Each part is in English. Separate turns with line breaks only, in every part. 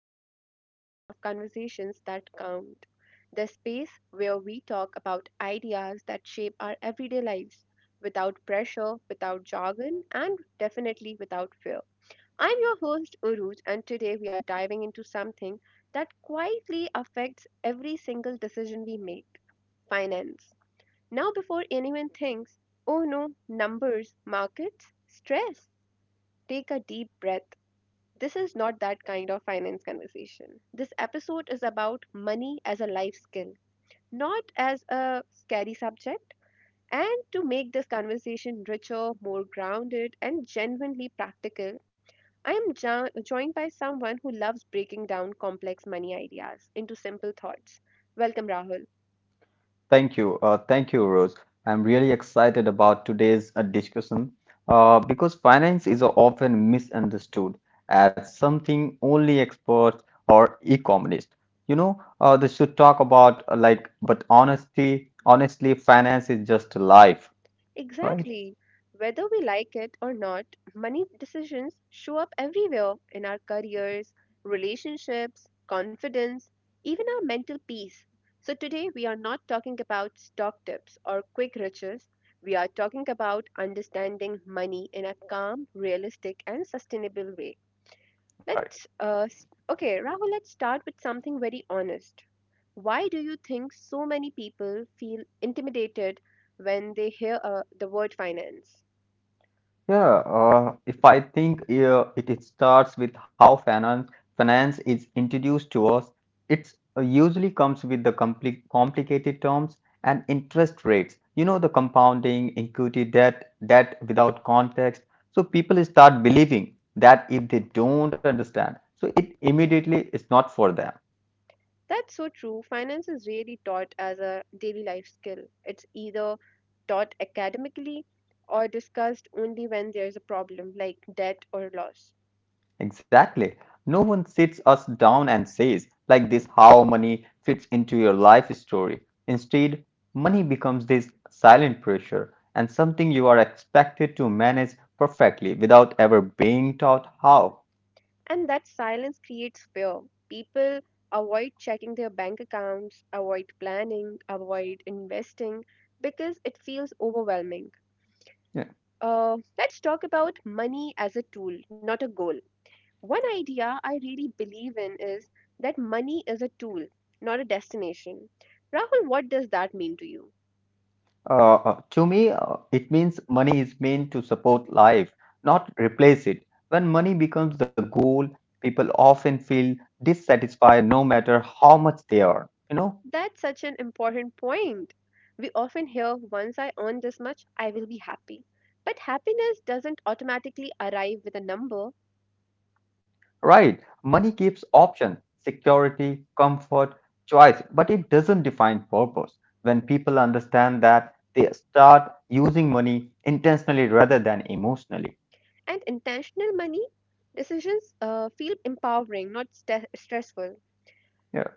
to another episode of Conversations That Count, the space where we talk about ideas that shape our everyday lives without pressure, without jargon, and definitely without fear. I'm your host, Uruj, and today we are diving into something that quietly affects every single decision we make — finance. Now, before anyone thinks, oh no, numbers, markets, stress, take a deep breath — this is not that kind of finance conversation. This episode is about money as a life skill, not as a scary subject. And to make this conversation richer, more grounded, and genuinely practical, I am joined by someone who loves breaking down complex money ideas into simple thoughts. Welcome, Rahul.
Thank you. Thank you, Rose. I'm really excited about today's discussion because finance is often misunderstood as something only experts or economists. They should talk about but honestly, finance is just life, right?
Exactly. Whether we like it or not, money decisions show up everywhere in our careers, relationships, confidence, even our mental peace. So, today we are not talking about stock tips or quick riches. We are talking about understanding money in a calm, realistic, and sustainable way. Okay, Rahul, let's start with something very honest. Why do you think so many people feel intimidated when they hear the word finance?
Yeah, if I think it starts with how finance is introduced to us, it usually comes with the complicated terms and interest rates. You know, the compounding, equity, debt without context. So people start believing that if they don't understand, so it immediately is not for them.
That's so true. Finance is really taught as a daily life skill. It's either taught academically or discussed only when there's a problem like debt or loss.
Exactly. No one sits us down and says, like this, how money fits into your life story. Instead, money becomes this silent pressure and something you are expected to manage perfectly without ever being taught how.
And that silence creates fear. People avoid checking their bank accounts, avoid planning, avoid investing because it feels overwhelming.
Yeah.
Let's talk about money as a tool, not a goal. One idea I really believe in is that money is a tool, not a destination. Rahul, what does that mean to you?
To me, it means money is meant to support life, not replace it. When money becomes the goal, people often feel dissatisfied no matter how much they earn, you know?
That's such an important point. We often hear, once I earn this much, I will be happy. But happiness doesn't automatically arrive with a number,
Right. Money gives option, security, comfort, choice, but it doesn't define purpose. When people understand that, they start using money intentionally rather than emotionally.
and intentional money decisions feel empowering, not stressful.
Yeah.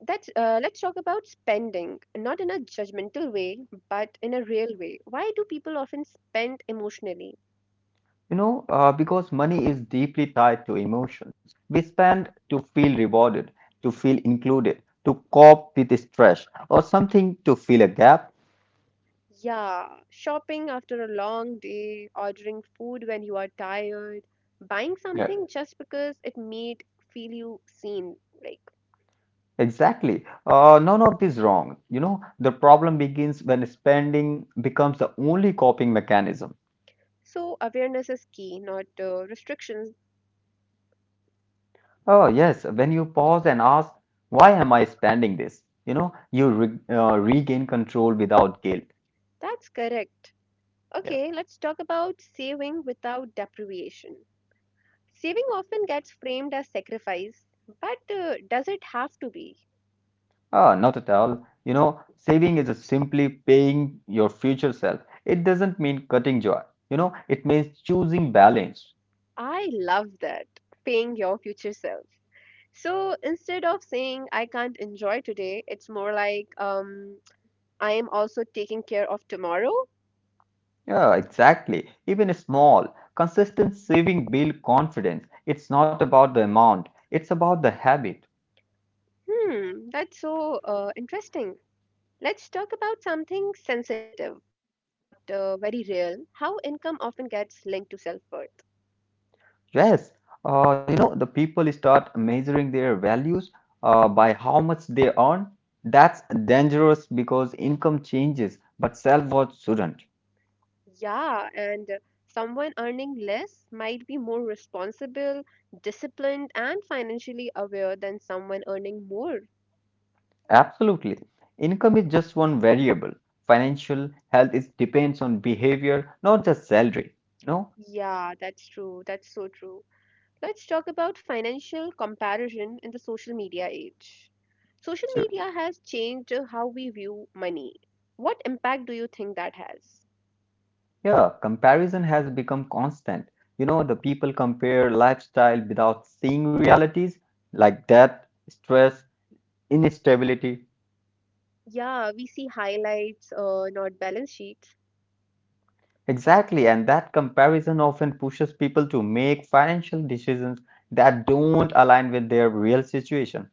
Let's talk about spending, not in a judgmental way, but in a real way. Why do people often spend emotionally?
Because money is deeply tied to emotions. We spend to feel rewarded, to feel included, to cope with stress, or something to fill a gap.
Yeah, shopping after a long day, ordering food when you are tired, buying
Yeah.
something just because it made feel you seen. Like,
Exactly. None of this wrong. You know, the problem begins when spending becomes the only coping mechanism.
so awareness is key, not restrictions.
Oh, yes, when you pause and ask, why am I spending this? You re regain control without guilt.
That's correct.
Yeah.
Okay, let's talk about saving without deprivation. Saving often gets framed as sacrifice, but does it have to be?
Ah, not at all. You know, saving is just simply paying your future self. It doesn't mean cutting joy. You know, it means choosing balance.
I love that. Paying your future self. So instead of saying I can't enjoy today, it's more like I am also taking care of tomorrow.
Yeah, exactly. Even a small, consistent saving build confidence. It's not about the amount, it's about the habit.
Hmm, that's so interesting. Let's talk about something sensitive but very real — how income often gets linked to self worth.
Yes, the people start measuring their values by how much they earn. That's dangerous because income changes, but self-worth shouldn't.
Yeah, and someone earning less might be more responsible, disciplined, and financially aware than someone earning more.
Absolutely. Income is just one variable. Financial health is depends on behavior, not just salary. No?
Yeah, that's true. That's so true. Let's talk about financial comparison in the social media age. Social
Sure.
media has changed how we view money. What impact do you think that has?
Yeah, comparison has become constant. You know, the people compare lifestyle without seeing realities like death, stress, instability.
Yeah, we see highlights, not balance sheets.
Exactly, and that comparison often pushes people to make financial decisions that don't align with their real situation.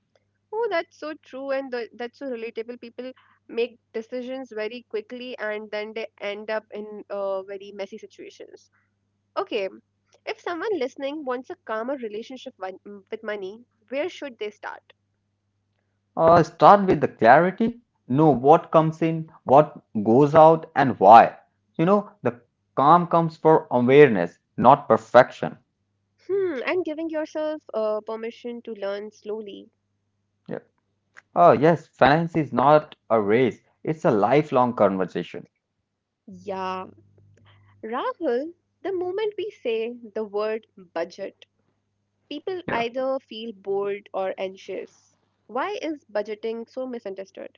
Oh, that's so true, and that's so relatable. People make decisions very quickly, and then they end up in very messy situations. Okay, if someone listening wants a calmer relationship with money, where should they start?
Start with the clarity, know what comes in, what goes out, and why. You know, the calm comes for awareness, not perfection.
Hmm, and giving yourself permission to learn slowly.
Yeah. Oh, yes, finance is not a race, it's a lifelong conversation.
Yeah, Rahul, the moment we say the word budget, people
Yeah.
either feel bored or anxious. Why is budgeting so misunderstood?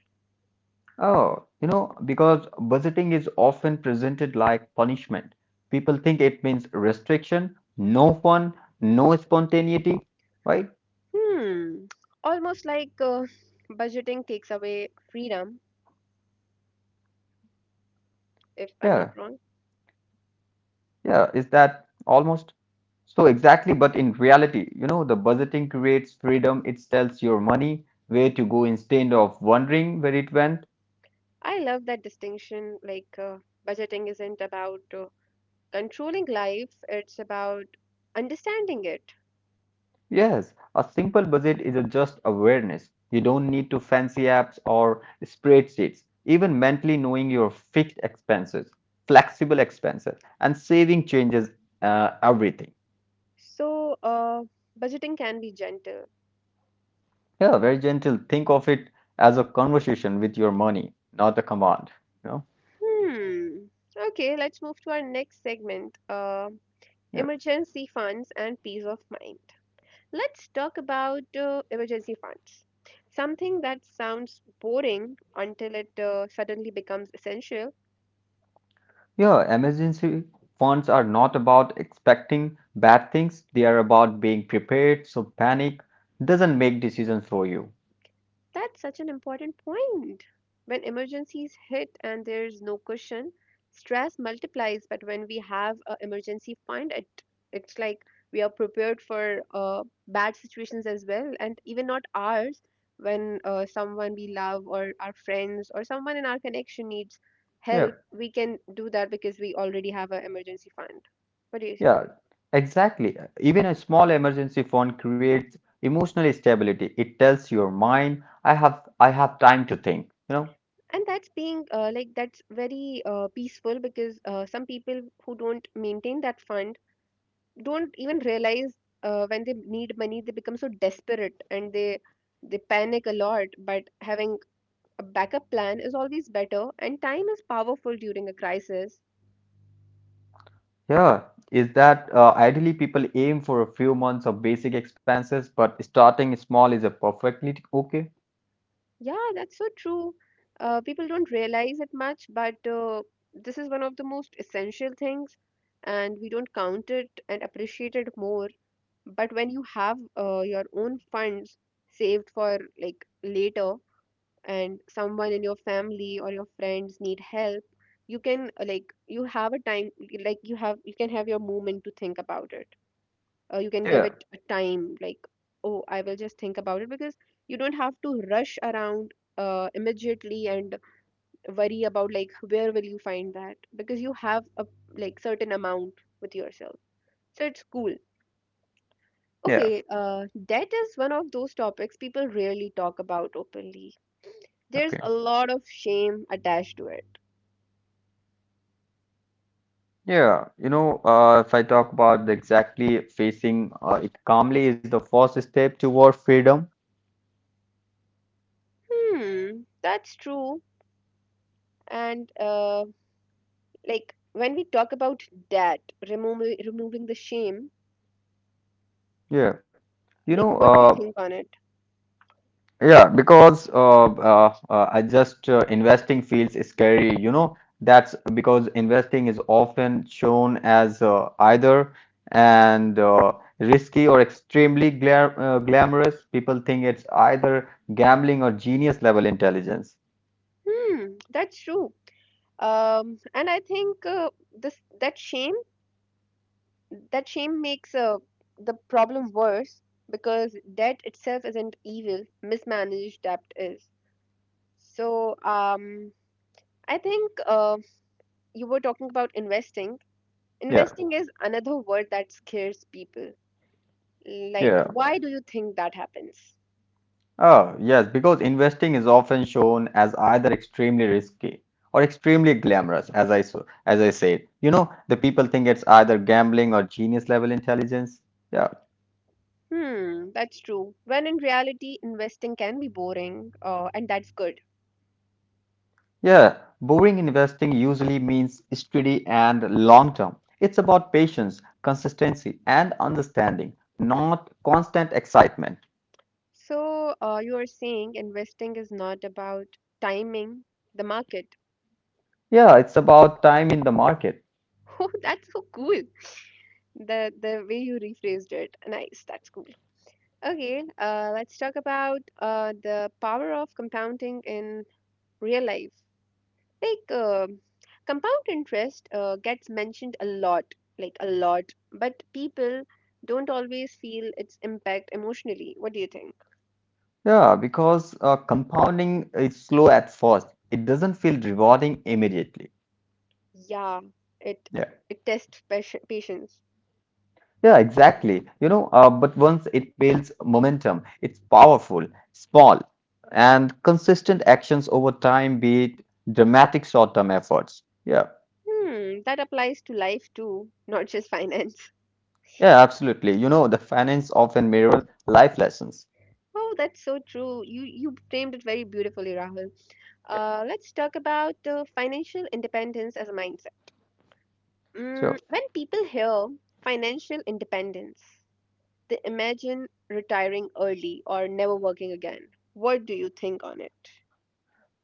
Oh, you know, because budgeting is often presented like punishment. People think it means restriction, no fun, no spontaneity, right?
Hmm, almost like budgeting takes away freedom,
Yeah,
if I'm not wrong.
yeah, is that almost so exactly? But in reality, you know, the budgeting creates freedom. It tells your money where to go instead of wondering where it went.
I love that distinction. Like, budgeting isn't about controlling life, it's about understanding it.
Yes, a simple budget is a just awareness. You don't need to fancy apps or spreadsheets. Even mentally knowing your fixed expenses, flexible expenses, and saving changes everything.
So, budgeting can be gentle.
Yeah, very gentle. Think of it as a conversation with your money, not a command. You know?
Hmm. Okay, let's move to our next segment,
Yeah.
emergency funds and peace of mind. Let's talk about emergency funds. Something that sounds boring until it suddenly becomes essential.
Yeah, emergency funds are not about expecting bad things. They are about being prepared, so panic doesn't make decisions for you.
That's such an important point. When emergencies hit and there's no cushion, stress multiplies. But when we have an emergency fund, it's like we are prepared for bad situations as well, and even not ours. When someone we love or our friends or someone in our connection needs
Yeah.
help, we can do that because we already have an emergency fund. What do you say?
Yeah, exactly. Even a small emergency fund creates emotional stability. It tells your mind, I have time to think. You know,
And that's being like that's very peaceful, because some people who don't maintain that fund don't even realize when they need money they become so desperate and they panic a lot. But having a backup plan is always better, and time is powerful during a crisis.
yeah, is that ideally people aim for a few months of basic expenses, but starting small is a perfectly okay.
Yeah, that's so true. People don't realize it much, but this is one of the most essential things, and we don't count it and appreciate it more. But when you have your own funds saved for like later, and someone in your family or your friends need help, you can like — you have a time, like you have — you can have your moment to think about it. You can give
Yeah,
it a time, like, oh, I will just think about it, because you don't have to rush around immediately and worry about like where will you find that, because you have a like certain amount with yourself. So it's cool.
yeah,
Okay, debt is one of those topics people rarely talk about openly. There's
okay.
a lot of shame attached to it.
Yeah, if I talk about the exactly facing it calmly is the first step toward freedom.
Hmm, that's true. And like when we talk about that, removing the shame,
Yeah, you
like
know,
what do you
uh,
think on it?
Yeah, because I just investing feels scary, you know. That's because investing is often shown as either and risky or extremely glamorous. People think it's either gambling or genius level intelligence.
Hmm, that's true. And I think this that shame makes the problem worse, because debt itself isn't evil, mismanaged debt is. So I think you were talking about investing.
Yeah,
Investing is another word that scares people. Like,
yeah.
why do you think that happens?
Oh, yes, because investing is often shown as either extremely risky or extremely glamorous, as I said. You know, the people think it's either gambling or genius level intelligence. Yeah.
Hmm, that's true. When in reality, investing can be boring, and that's good.
Yeah, boring investing usually means steady and long term. It's about patience, consistency, and understanding, not constant excitement.
So, you are saying investing is not about timing the market.
Yeah, it's about time in the market.
Oh, that's so cool. The way you rephrased it, nice. That's cool. Okay, let's talk about the power of compounding in real life. Like compound interest gets mentioned a lot, like a lot, but people don't always feel its impact emotionally. What do you think?
Yeah, because compounding is slow at first. It doesn't feel rewarding immediately.
Yeah, it
Yeah,
it tests patience.
yeah, exactly. But once it builds momentum, it's powerful, small, and consistent actions over time beat dramatic short-term efforts. Yeah.
Hmm, that applies to life too, not just finance.
Yeah, absolutely. You know, the finance often mirrors life lessons.
Oh, that's so true. You framed it very beautifully, Rahul.
Yeah,
Let's talk about financial independence as a mindset. Mm,
sure.
when people hear financial independence, they imagine retiring early or never working again. What do you think on it?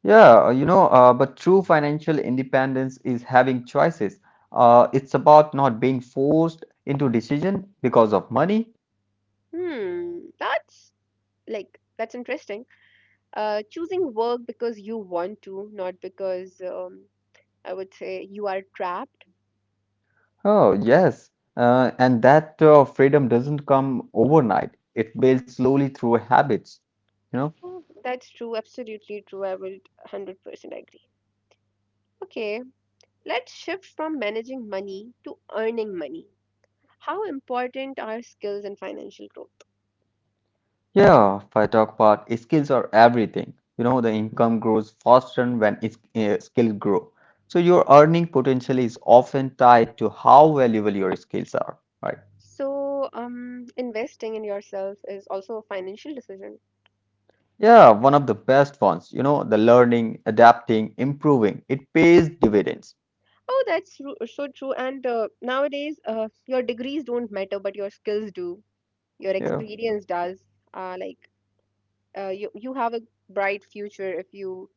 Yeah, but true financial independence is having choices. It's about not being forced into decision because of money.
Hmm, that's like that's interesting. Choosing work because you want to, not because I would say you are trapped.
Oh, yes. And that freedom doesn't come overnight. It builds slowly through habits, you know.
Oh, that's true, absolutely true. I would 100% agree. Okay, let's shift from managing money to earning money. How important are skills and financial growth?
Yeah, if I talk about skills are everything. You know, the income grows faster when skills grow. So your earning potential is often tied to how valuable your skills are, right?
So, investing in yourself is also a financial decision.
Yeah, one of the best ones, you know, the learning, adapting, improving, it pays dividends.
Oh, that's so true. And nowadays, your degrees don't matter, but your skills do. Your
Yeah,
experience does. Like you, you have a bright future if you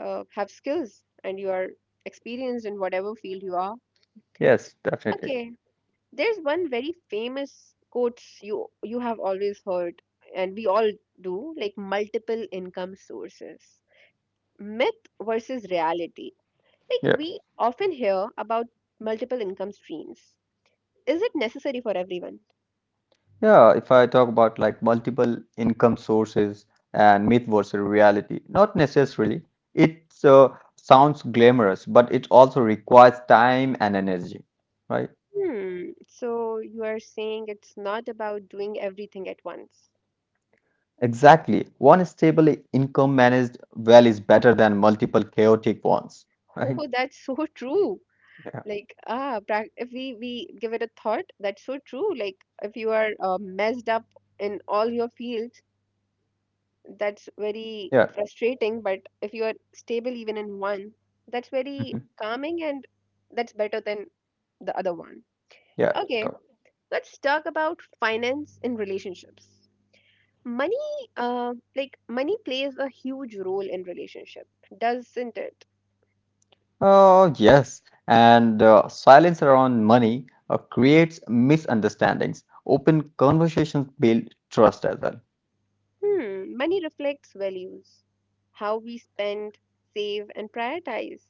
have skills and you are experienced in whatever field you are.
yes, definitely.
Okay, there's one very famous quote you have always heard, and we all do, like multiple income sources. Myth versus reality.
Yeah.
Like, we often hear about multiple income streams. Is it necessary for everyone?
Yeah, if I talk about like multiple income sources and myth versus reality, not necessarily. It sounds glamorous, but it also requires time and energy, right?
Hmm. So you are saying it's not about doing everything at once.
Exactly. One stable income managed well is better than multiple chaotic ones,
Oh,
right?
that's so true.
Yeah.
Like, ah, if we give it a thought, that's so true. Like, if you are messed up in all your fields, that's very
Yeah.
frustrating. But if you are stable even in one, that's very
Mhm.
calming, and that's better than the other one.
Yeah,
Okay,
sure.
let's talk about finance in relationships. Money, like money plays a huge role in relationship, doesn't it?
Oh, yes. And silence around money creates misunderstandings. Open conversations build trust as well.
Hmm, money reflects values — how we spend, save and prioritize.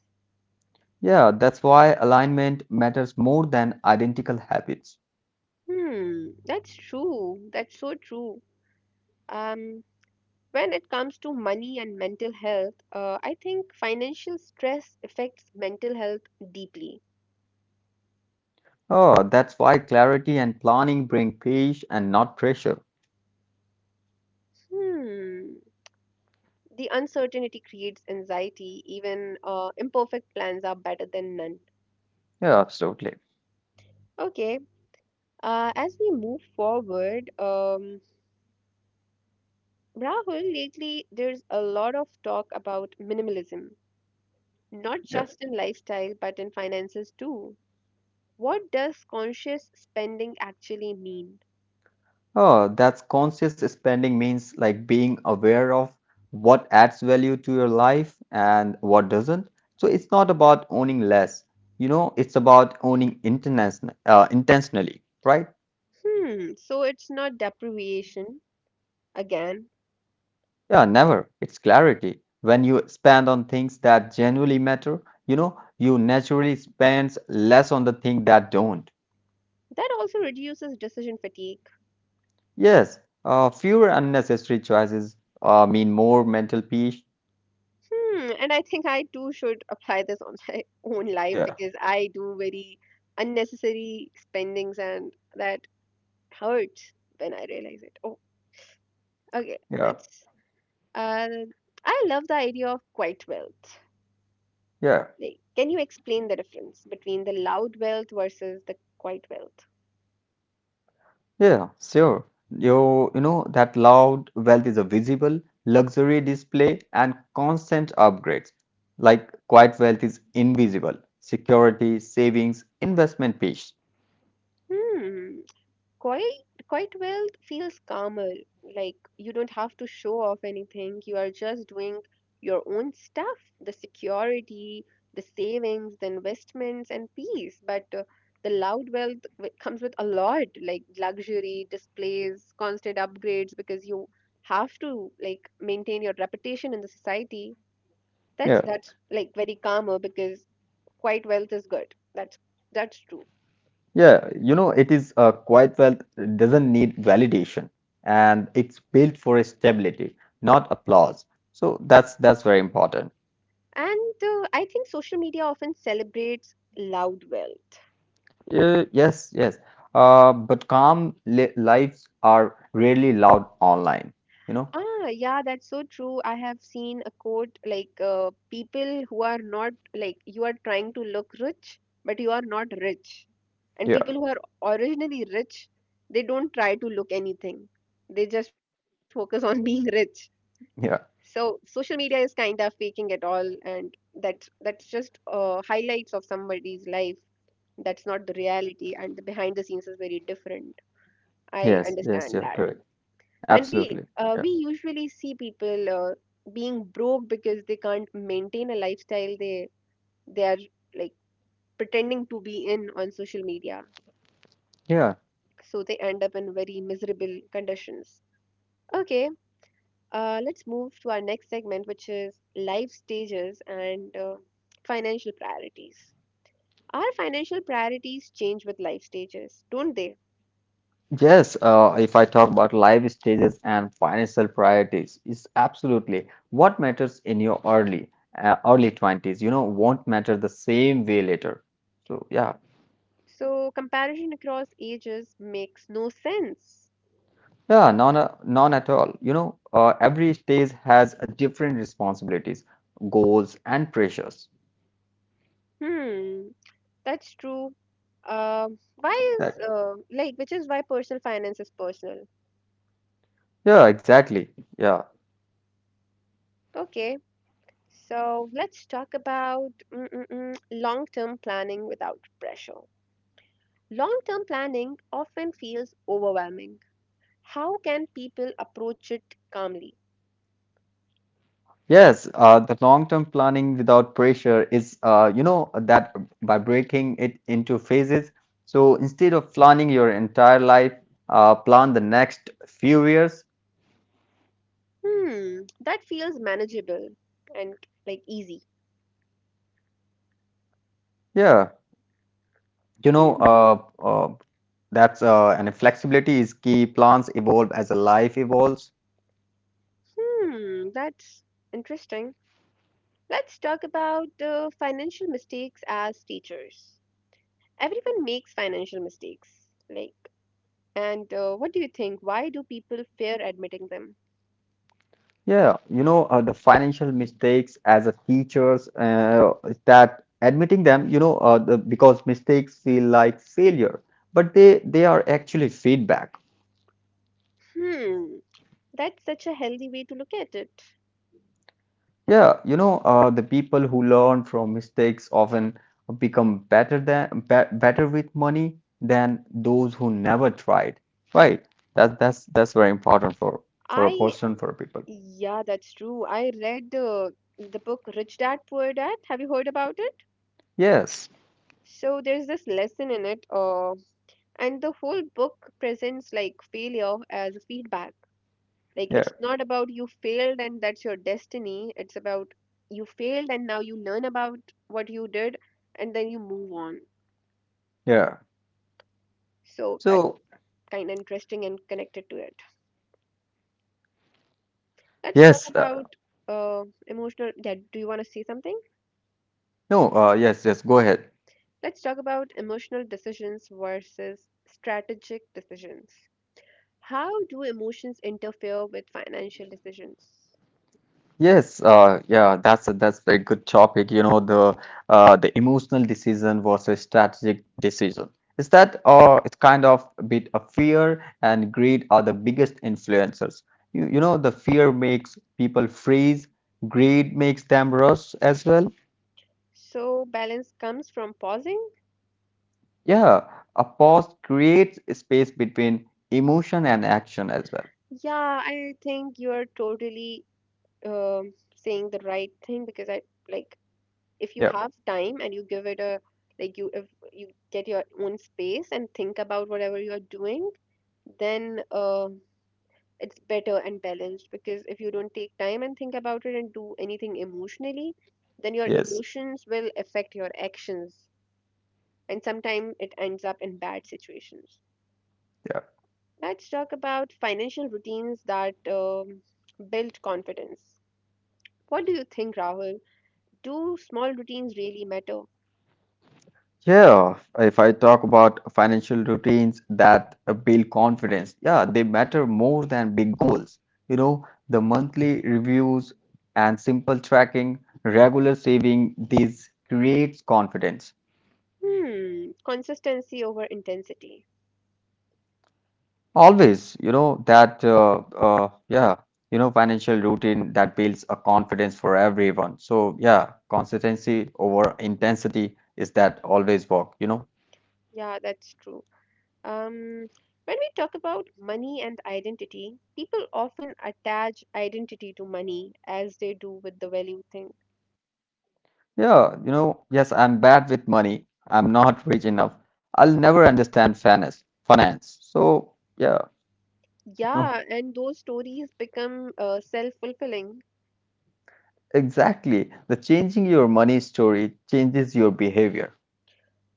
Yeah, that's why alignment matters more than identical habits.
Hmm, that's true, that's so true. um when it comes to money and mental health, I think financial stress affects mental health deeply.
Oh, that's why clarity and planning bring peace and not pressure.
Hmm, the uncertainty creates anxiety. Even imperfect plans are better than none.
Yeah, absolutely.
Okay. As we move forward, Rahul, lately there's a lot of talk about minimalism, not
Yeah.
just in lifestyle but in finances too. What does conscious spending actually mean?
Oh, that's conscious spending means like being aware of what adds value to your life and what doesn't. So it's not about owning less, you know, it's about owning intention, intentionally, right?
Hmm, so it's not deprivation again.
Yeah, never. It's clarity. When you spend on things that genuinely matter, you know, you naturally spend less on the things that don't.
That also reduces decision fatigue.
Yes, fewer unnecessary choices mean more mental peace.
Hmm, and I think I too should apply this on my own life,
Yeah,
because I do very unnecessary spendings and that hurts when I realize it. Oh. Okay,
yeah,
let's. Uh, I love the idea of quiet wealth.
yeah,
Like, can you explain the difference between the loud wealth versus the quiet wealth?
yeah, sure. You know, that loud wealth is a visible luxury display and constant upgrades. Like quiet wealth is invisible. Security, savings, investment peace.
Hmm. Quite wealth feels calmer. Like, you don't have to show off anything. You are just doing your own stuff — the security, the savings, the investments, and peace. But the loud wealth comes with a lot, like luxury, displays, constant upgrades, because you have to like maintain your reputation in the society.
Yeah.
That's — that's like very calmer, because quite wealth is good. That's true.
Yeah, you know, it is quiet wealth doesn't need validation and it's built for stability, not applause. So that's very important.
And I think social media often celebrates loud wealth.
Uh, yes, yes. But calm li lives are rarely loud online, you know?
Ah, yeah, that's so true. I have seen a quote like people who are not like you are trying to look rich, but you are not rich. And
Yeah,
people who are originally rich, they don't try to look anything. They just focus on being rich.
yeah.
So social media is kind of faking it all, and that's just highlights of somebody's life. That's not the reality, and the behind the scenes is very different. I
Yes, yes,
understand
yeah,
that.
correct.
And we
Absolutely.
uh,
Yeah.
we usually see people being broke because they can't maintain a lifestyle they are like pretending to be in on social media.
Yeah.
So they end up in very miserable conditions. Okay, let's move to our next segment, which is life stages and financial priorities. Our financial priorities change with life stages, don't they?
Yes, if I talk about life stages and financial priorities, is absolutely what matters in your early 20s, you know, won't matter the same way later. So yeah,
So comparison across ages makes no sense.
yeah, none at all. Every stage has a different responsibilities, goals, and pressures.
Hmm. That's true. Why is
Exactly.
like which is why personal finance is personal.
Yeah, exactly. Yeah.
Okay, so let's talk about long-term planning without pressure. Long-term planning often feels overwhelming. How can people approach it calmly?
Yes, the long-term planning without pressure is, you know, that by breaking it into phases. So instead of planning your entire life, plan the next few years.
Hmm, that feels manageable and like easy.
Yeah, you know,
Hmm,
uh, uh, that's and flexibility is key. Plans evolve as a life evolves.
hmm, that's interesting. Let's talk about financial mistakes as teachers. Everyone makes financial mistakes. Like, and what do you think? Why do people fear admitting them?
Yeah, the financial mistakes as a teachers is that admitting them, because mistakes feel like failure, but they are actually feedback.
Hmm, that's such a healthy way to look at it.
The people who learn from mistakes often become better than be better with money than those who never tried. Right? That's very important for a
I,
person for people.
yeah, that's true. I read the book Rich Dad Poor Dad. Have you heard about it?
Yes.
So there's this lesson in it, and the whole book presents like failure as a feedback. Like, it's
Yeah.
not about you failed and that's your destiny. It's about you failed and now you learn about what you did and then you move on.
Yeah.
So that's
So
kind of interesting and connected to it. Let's talk
yes.
about emotional. Yeah, do you want to see something?
No. Yes. Yes. Go ahead.
Let's talk about emotional decisions versus strategic decisions. How do emotions interfere with financial decisions?
Yes, that's that's a good topic. The emotional decision versus strategic decision. Is that it's kind of a bit of fear and greed are the biggest influencers. You know, the fear makes people freeze, greed makes them rush as well.
So balance comes from pausing.
Yeah, a pause creates a space between emotion and action as well.
Yeah, I think you are totally saying the right thing because I like if you
Yeah,
have time and you give it a like you if you get your own space and think about whatever you are doing then it's better and balanced because if you don't take time and think about it and do anything emotionally, then your
yes,
emotions will affect your actions, and sometimes it ends up in bad situations.
yeah.
Let's talk about financial routines that build confidence. What do you think, Rahul? Do small routines really matter?
Yeah, if I talk about financial routines that build confidence, yeah, they matter more than big goals. You know, the monthly reviews and simple tracking, regular saving, these creates confidence.
Hmm, consistency over intensity.
Always, you know, financial routine that builds a confidence for everyone. So, yeah, consistency over intensity is that always work, you know.
Yeah, that's true. Um, when we talk about money and identity, people often attach identity to money as they do with the value thing.
Yeah, you know, yes, I'm bad with money. I'm not rich enough. I'll never understand finance. So, yeah, no,
Yeah, and those stories become self-fulfilling.
exactly. The changing your money story changes your behavior.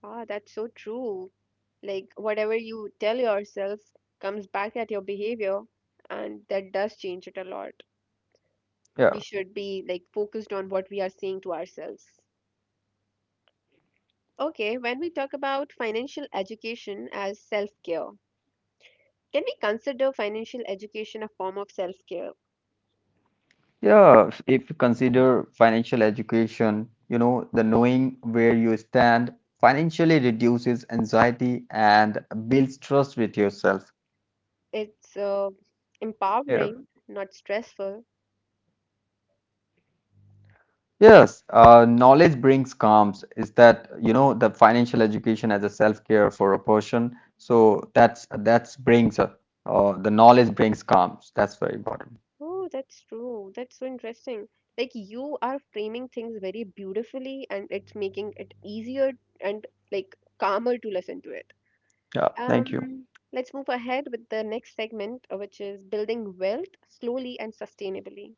Ah, that's so true. Like whatever you tell yourself comes back at your behavior, and that does change it a lot. We
Yeah.
should be like focused on what we are saying to ourselves. Okay, when we talk about financial education as self-care, can we consider financial education a form of self care?
Yeah, if you consider financial education, you know, the knowing where you stand financially reduces anxiety and builds trust with yourself.
It's
Yeah.
empowering, not stressful.
Yes, knowledge brings calms. Is that, you know, the financial education as a self-care for a person. So that's brings the knowledge brings calms. That's very important.
Oh, that's true. That's so interesting. Like, you are framing things very beautifully, and it's making it easier and like calmer to listen to it.
Yeah, thank you.
Um, let's move ahead with the next segment, which is building wealth slowly and sustainably.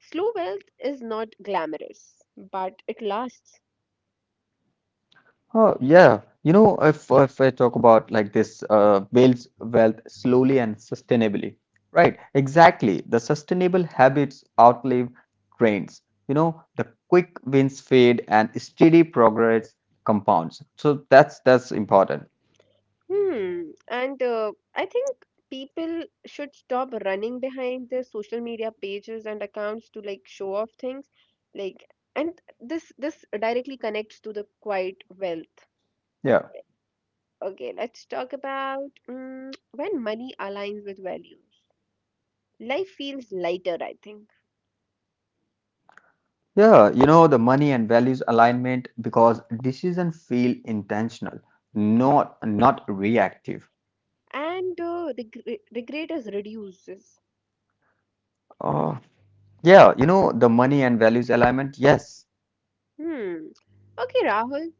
Slow wealth is not glamorous, but it lasts.
Oh, yeah. You know, if I talk about like this, builds wealth slowly and sustainably. Right, exactly. The sustainable habits outlive trends. You know, the quick wins fade and steady progress compounds. So that's important.
Hmm. And I think people should stop running behind their social media pages and accounts to like show off things. Like, and this directly connects to the quiet wealth.
Yeah.
Okay, let's talk about mm when money aligns with values. Life feels lighter, I think,
Yeah, you know, the money and values alignment because decisions feel intentional, not reactive.
and the regret is reduces.
Uh, yeah, you know, the money and values alignment, yes.
Hmm. Okay, Rahul.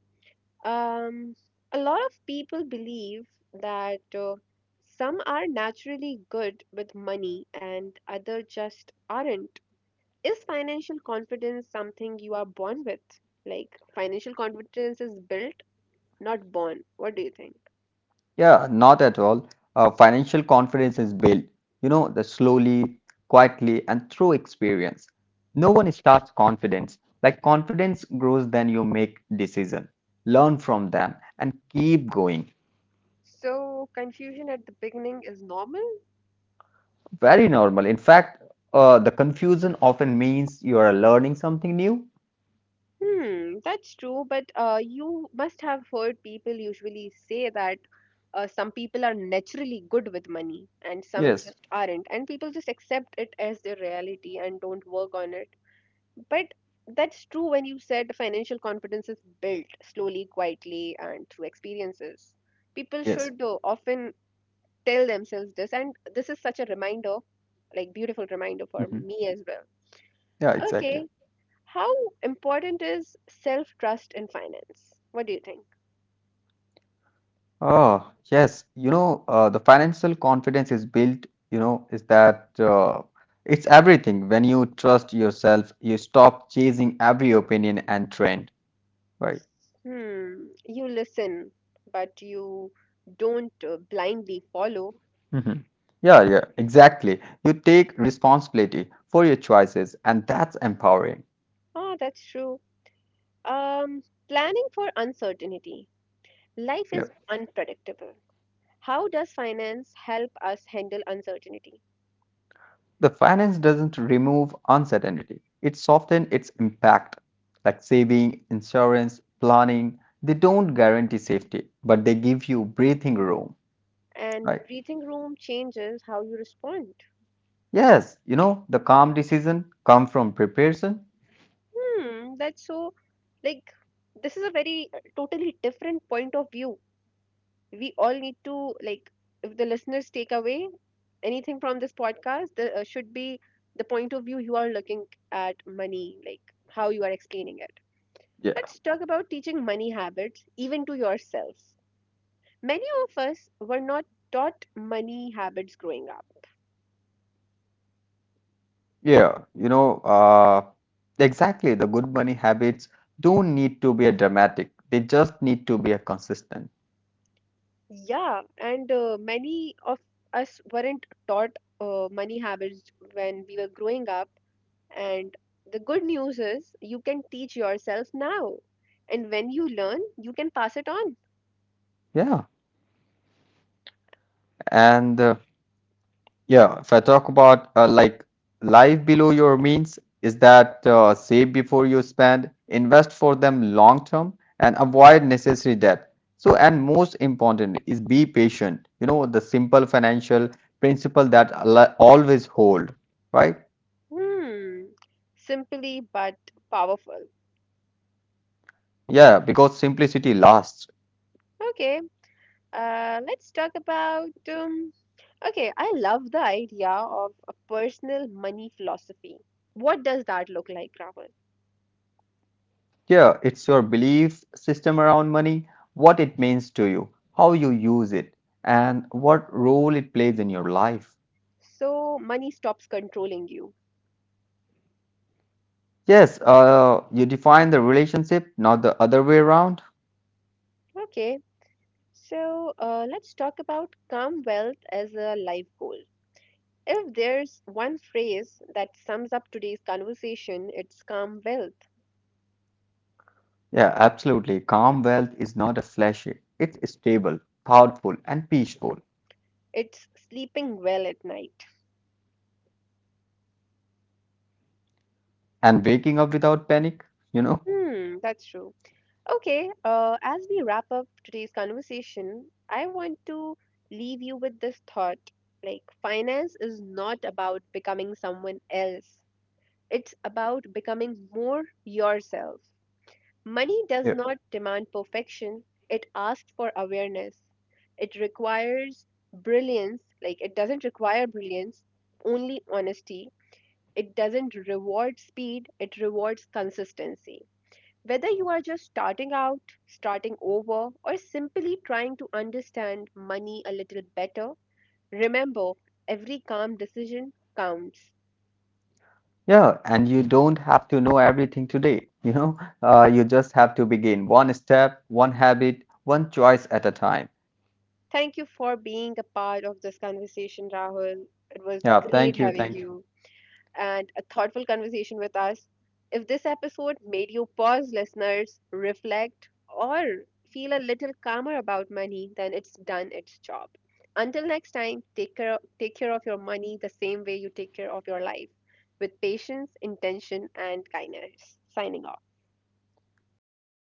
Um, a lot of people believe that some are naturally good with money and other just aren't. Is financial confidence something you are born with? Like, financial confidence is built, not born. What do you think?
Yeah, not at all. Financial confidence is built, you know, the slowly, quietly, and through experience. No one starts confidence. Like confidence grows then you make decision, learn from them, and keep going.
So, confusion at the beginning is normal.
Very normal. In fact, the confusion often means you are learning something new.
Hmm, that's true, but you must have heard people usually say that some people are naturally good with money and some
Yes,
just aren't, and people just accept it as their reality and don't work on it. But that's true when you said financial confidence is built slowly, quietly, and through experiences. People
yes.
should often tell themselves this, and this is such a reminder, like beautiful reminder for
Mhm.
me as well.
Yeah, exactly.
Okay. How important is self trust in finance? What do you think?
Oh, yes. The financial confidence is built, you know, is that it's everything. When you trust yourself, you stop chasing every opinion and trend, right?
Hmm, you listen, but you don't blindly follow.
Hmm. Yeah, yeah, exactly. You take responsibility for your choices, and that's empowering.
Ah, that's true. Planning for uncertainty. Life is unpredictable. How does finance help us handle uncertainty?
The finance doesn't remove uncertainty, it softens its impact. Like saving, insurance, planning, they don't guarantee safety, but they give you breathing room,
And
right?
breathing room changes how you respond.
Yes, you know, the calm decision come from preparation.
Hmm, that's so, like, this is a very totally different point of view we all need to like if the listeners take away anything from this podcast there should be the point of view you are looking at money like how you are explaining it.
Yeah,
Let's talk about teaching money habits even to yourselves. Many of us were not taught money habits growing up.
yeah, you know, uh, exactly. The good money habits don't need to be a dramatic, they just need to be a consistent.
Yeah, and many of us weren't taught money habits when we were growing up. And the good news is you can teach yourself now. And when you learn, you can pass it on.
Yeah, and yeah, if I talk about like life below your means, is that save before you spend, invest for them long term, and avoid necessary debt. So, and most important is be patient. You know, the simple financial principle that always hold, right?
Hmm. Simply but powerful.
Yeah, because simplicity lasts.
Okay. Let's talk about. Okay, I love the idea of a personal money philosophy. What does that look like, Rahul?
Yeah, it's your belief system around money, what it means to you, how you use it, and what role it plays in your life.
So, money stops controlling you.
Yes, you define the relationship, not the other way around.
Okay. So, let's talk about calm wealth as a life goal. If there's one phrase that sums up today's conversation, it's calm wealth.
Yeah, absolutely. Calm wealth is not a flashy, it's stable, thoughtful, and peaceful.
It's sleeping well at night.
And waking up without panic, you know?
Hmm, that's true. Okay, as we wrap up today's conversation, I want to leave you with this thought. Like, finance is not about becoming someone else, it's about becoming more yourself. Money
Yeah.
does not demand perfection, it asks for awareness. It requires brilliance, like it doesn't require brilliance, only honesty. It doesn't reward speed, it rewards consistency. Whether you are just starting out, starting over, or simply trying to understand money a little better, remember every calm decision counts.
Yeah, and you don't have to know everything today, you know? You just have to begin one step, one habit, one choice at a time.
Thank you for being a part of this conversation, Rahul. It was
Yeah,
great having
thank you.
you. And a thoughtful conversation with us. If this episode made you pause, listeners, reflect, or feel a little calmer about money, then it's done its job. Until next time, take care of your money the same way you take care of your life with patience, intention, and kindness. Signing off.
Yeah, thank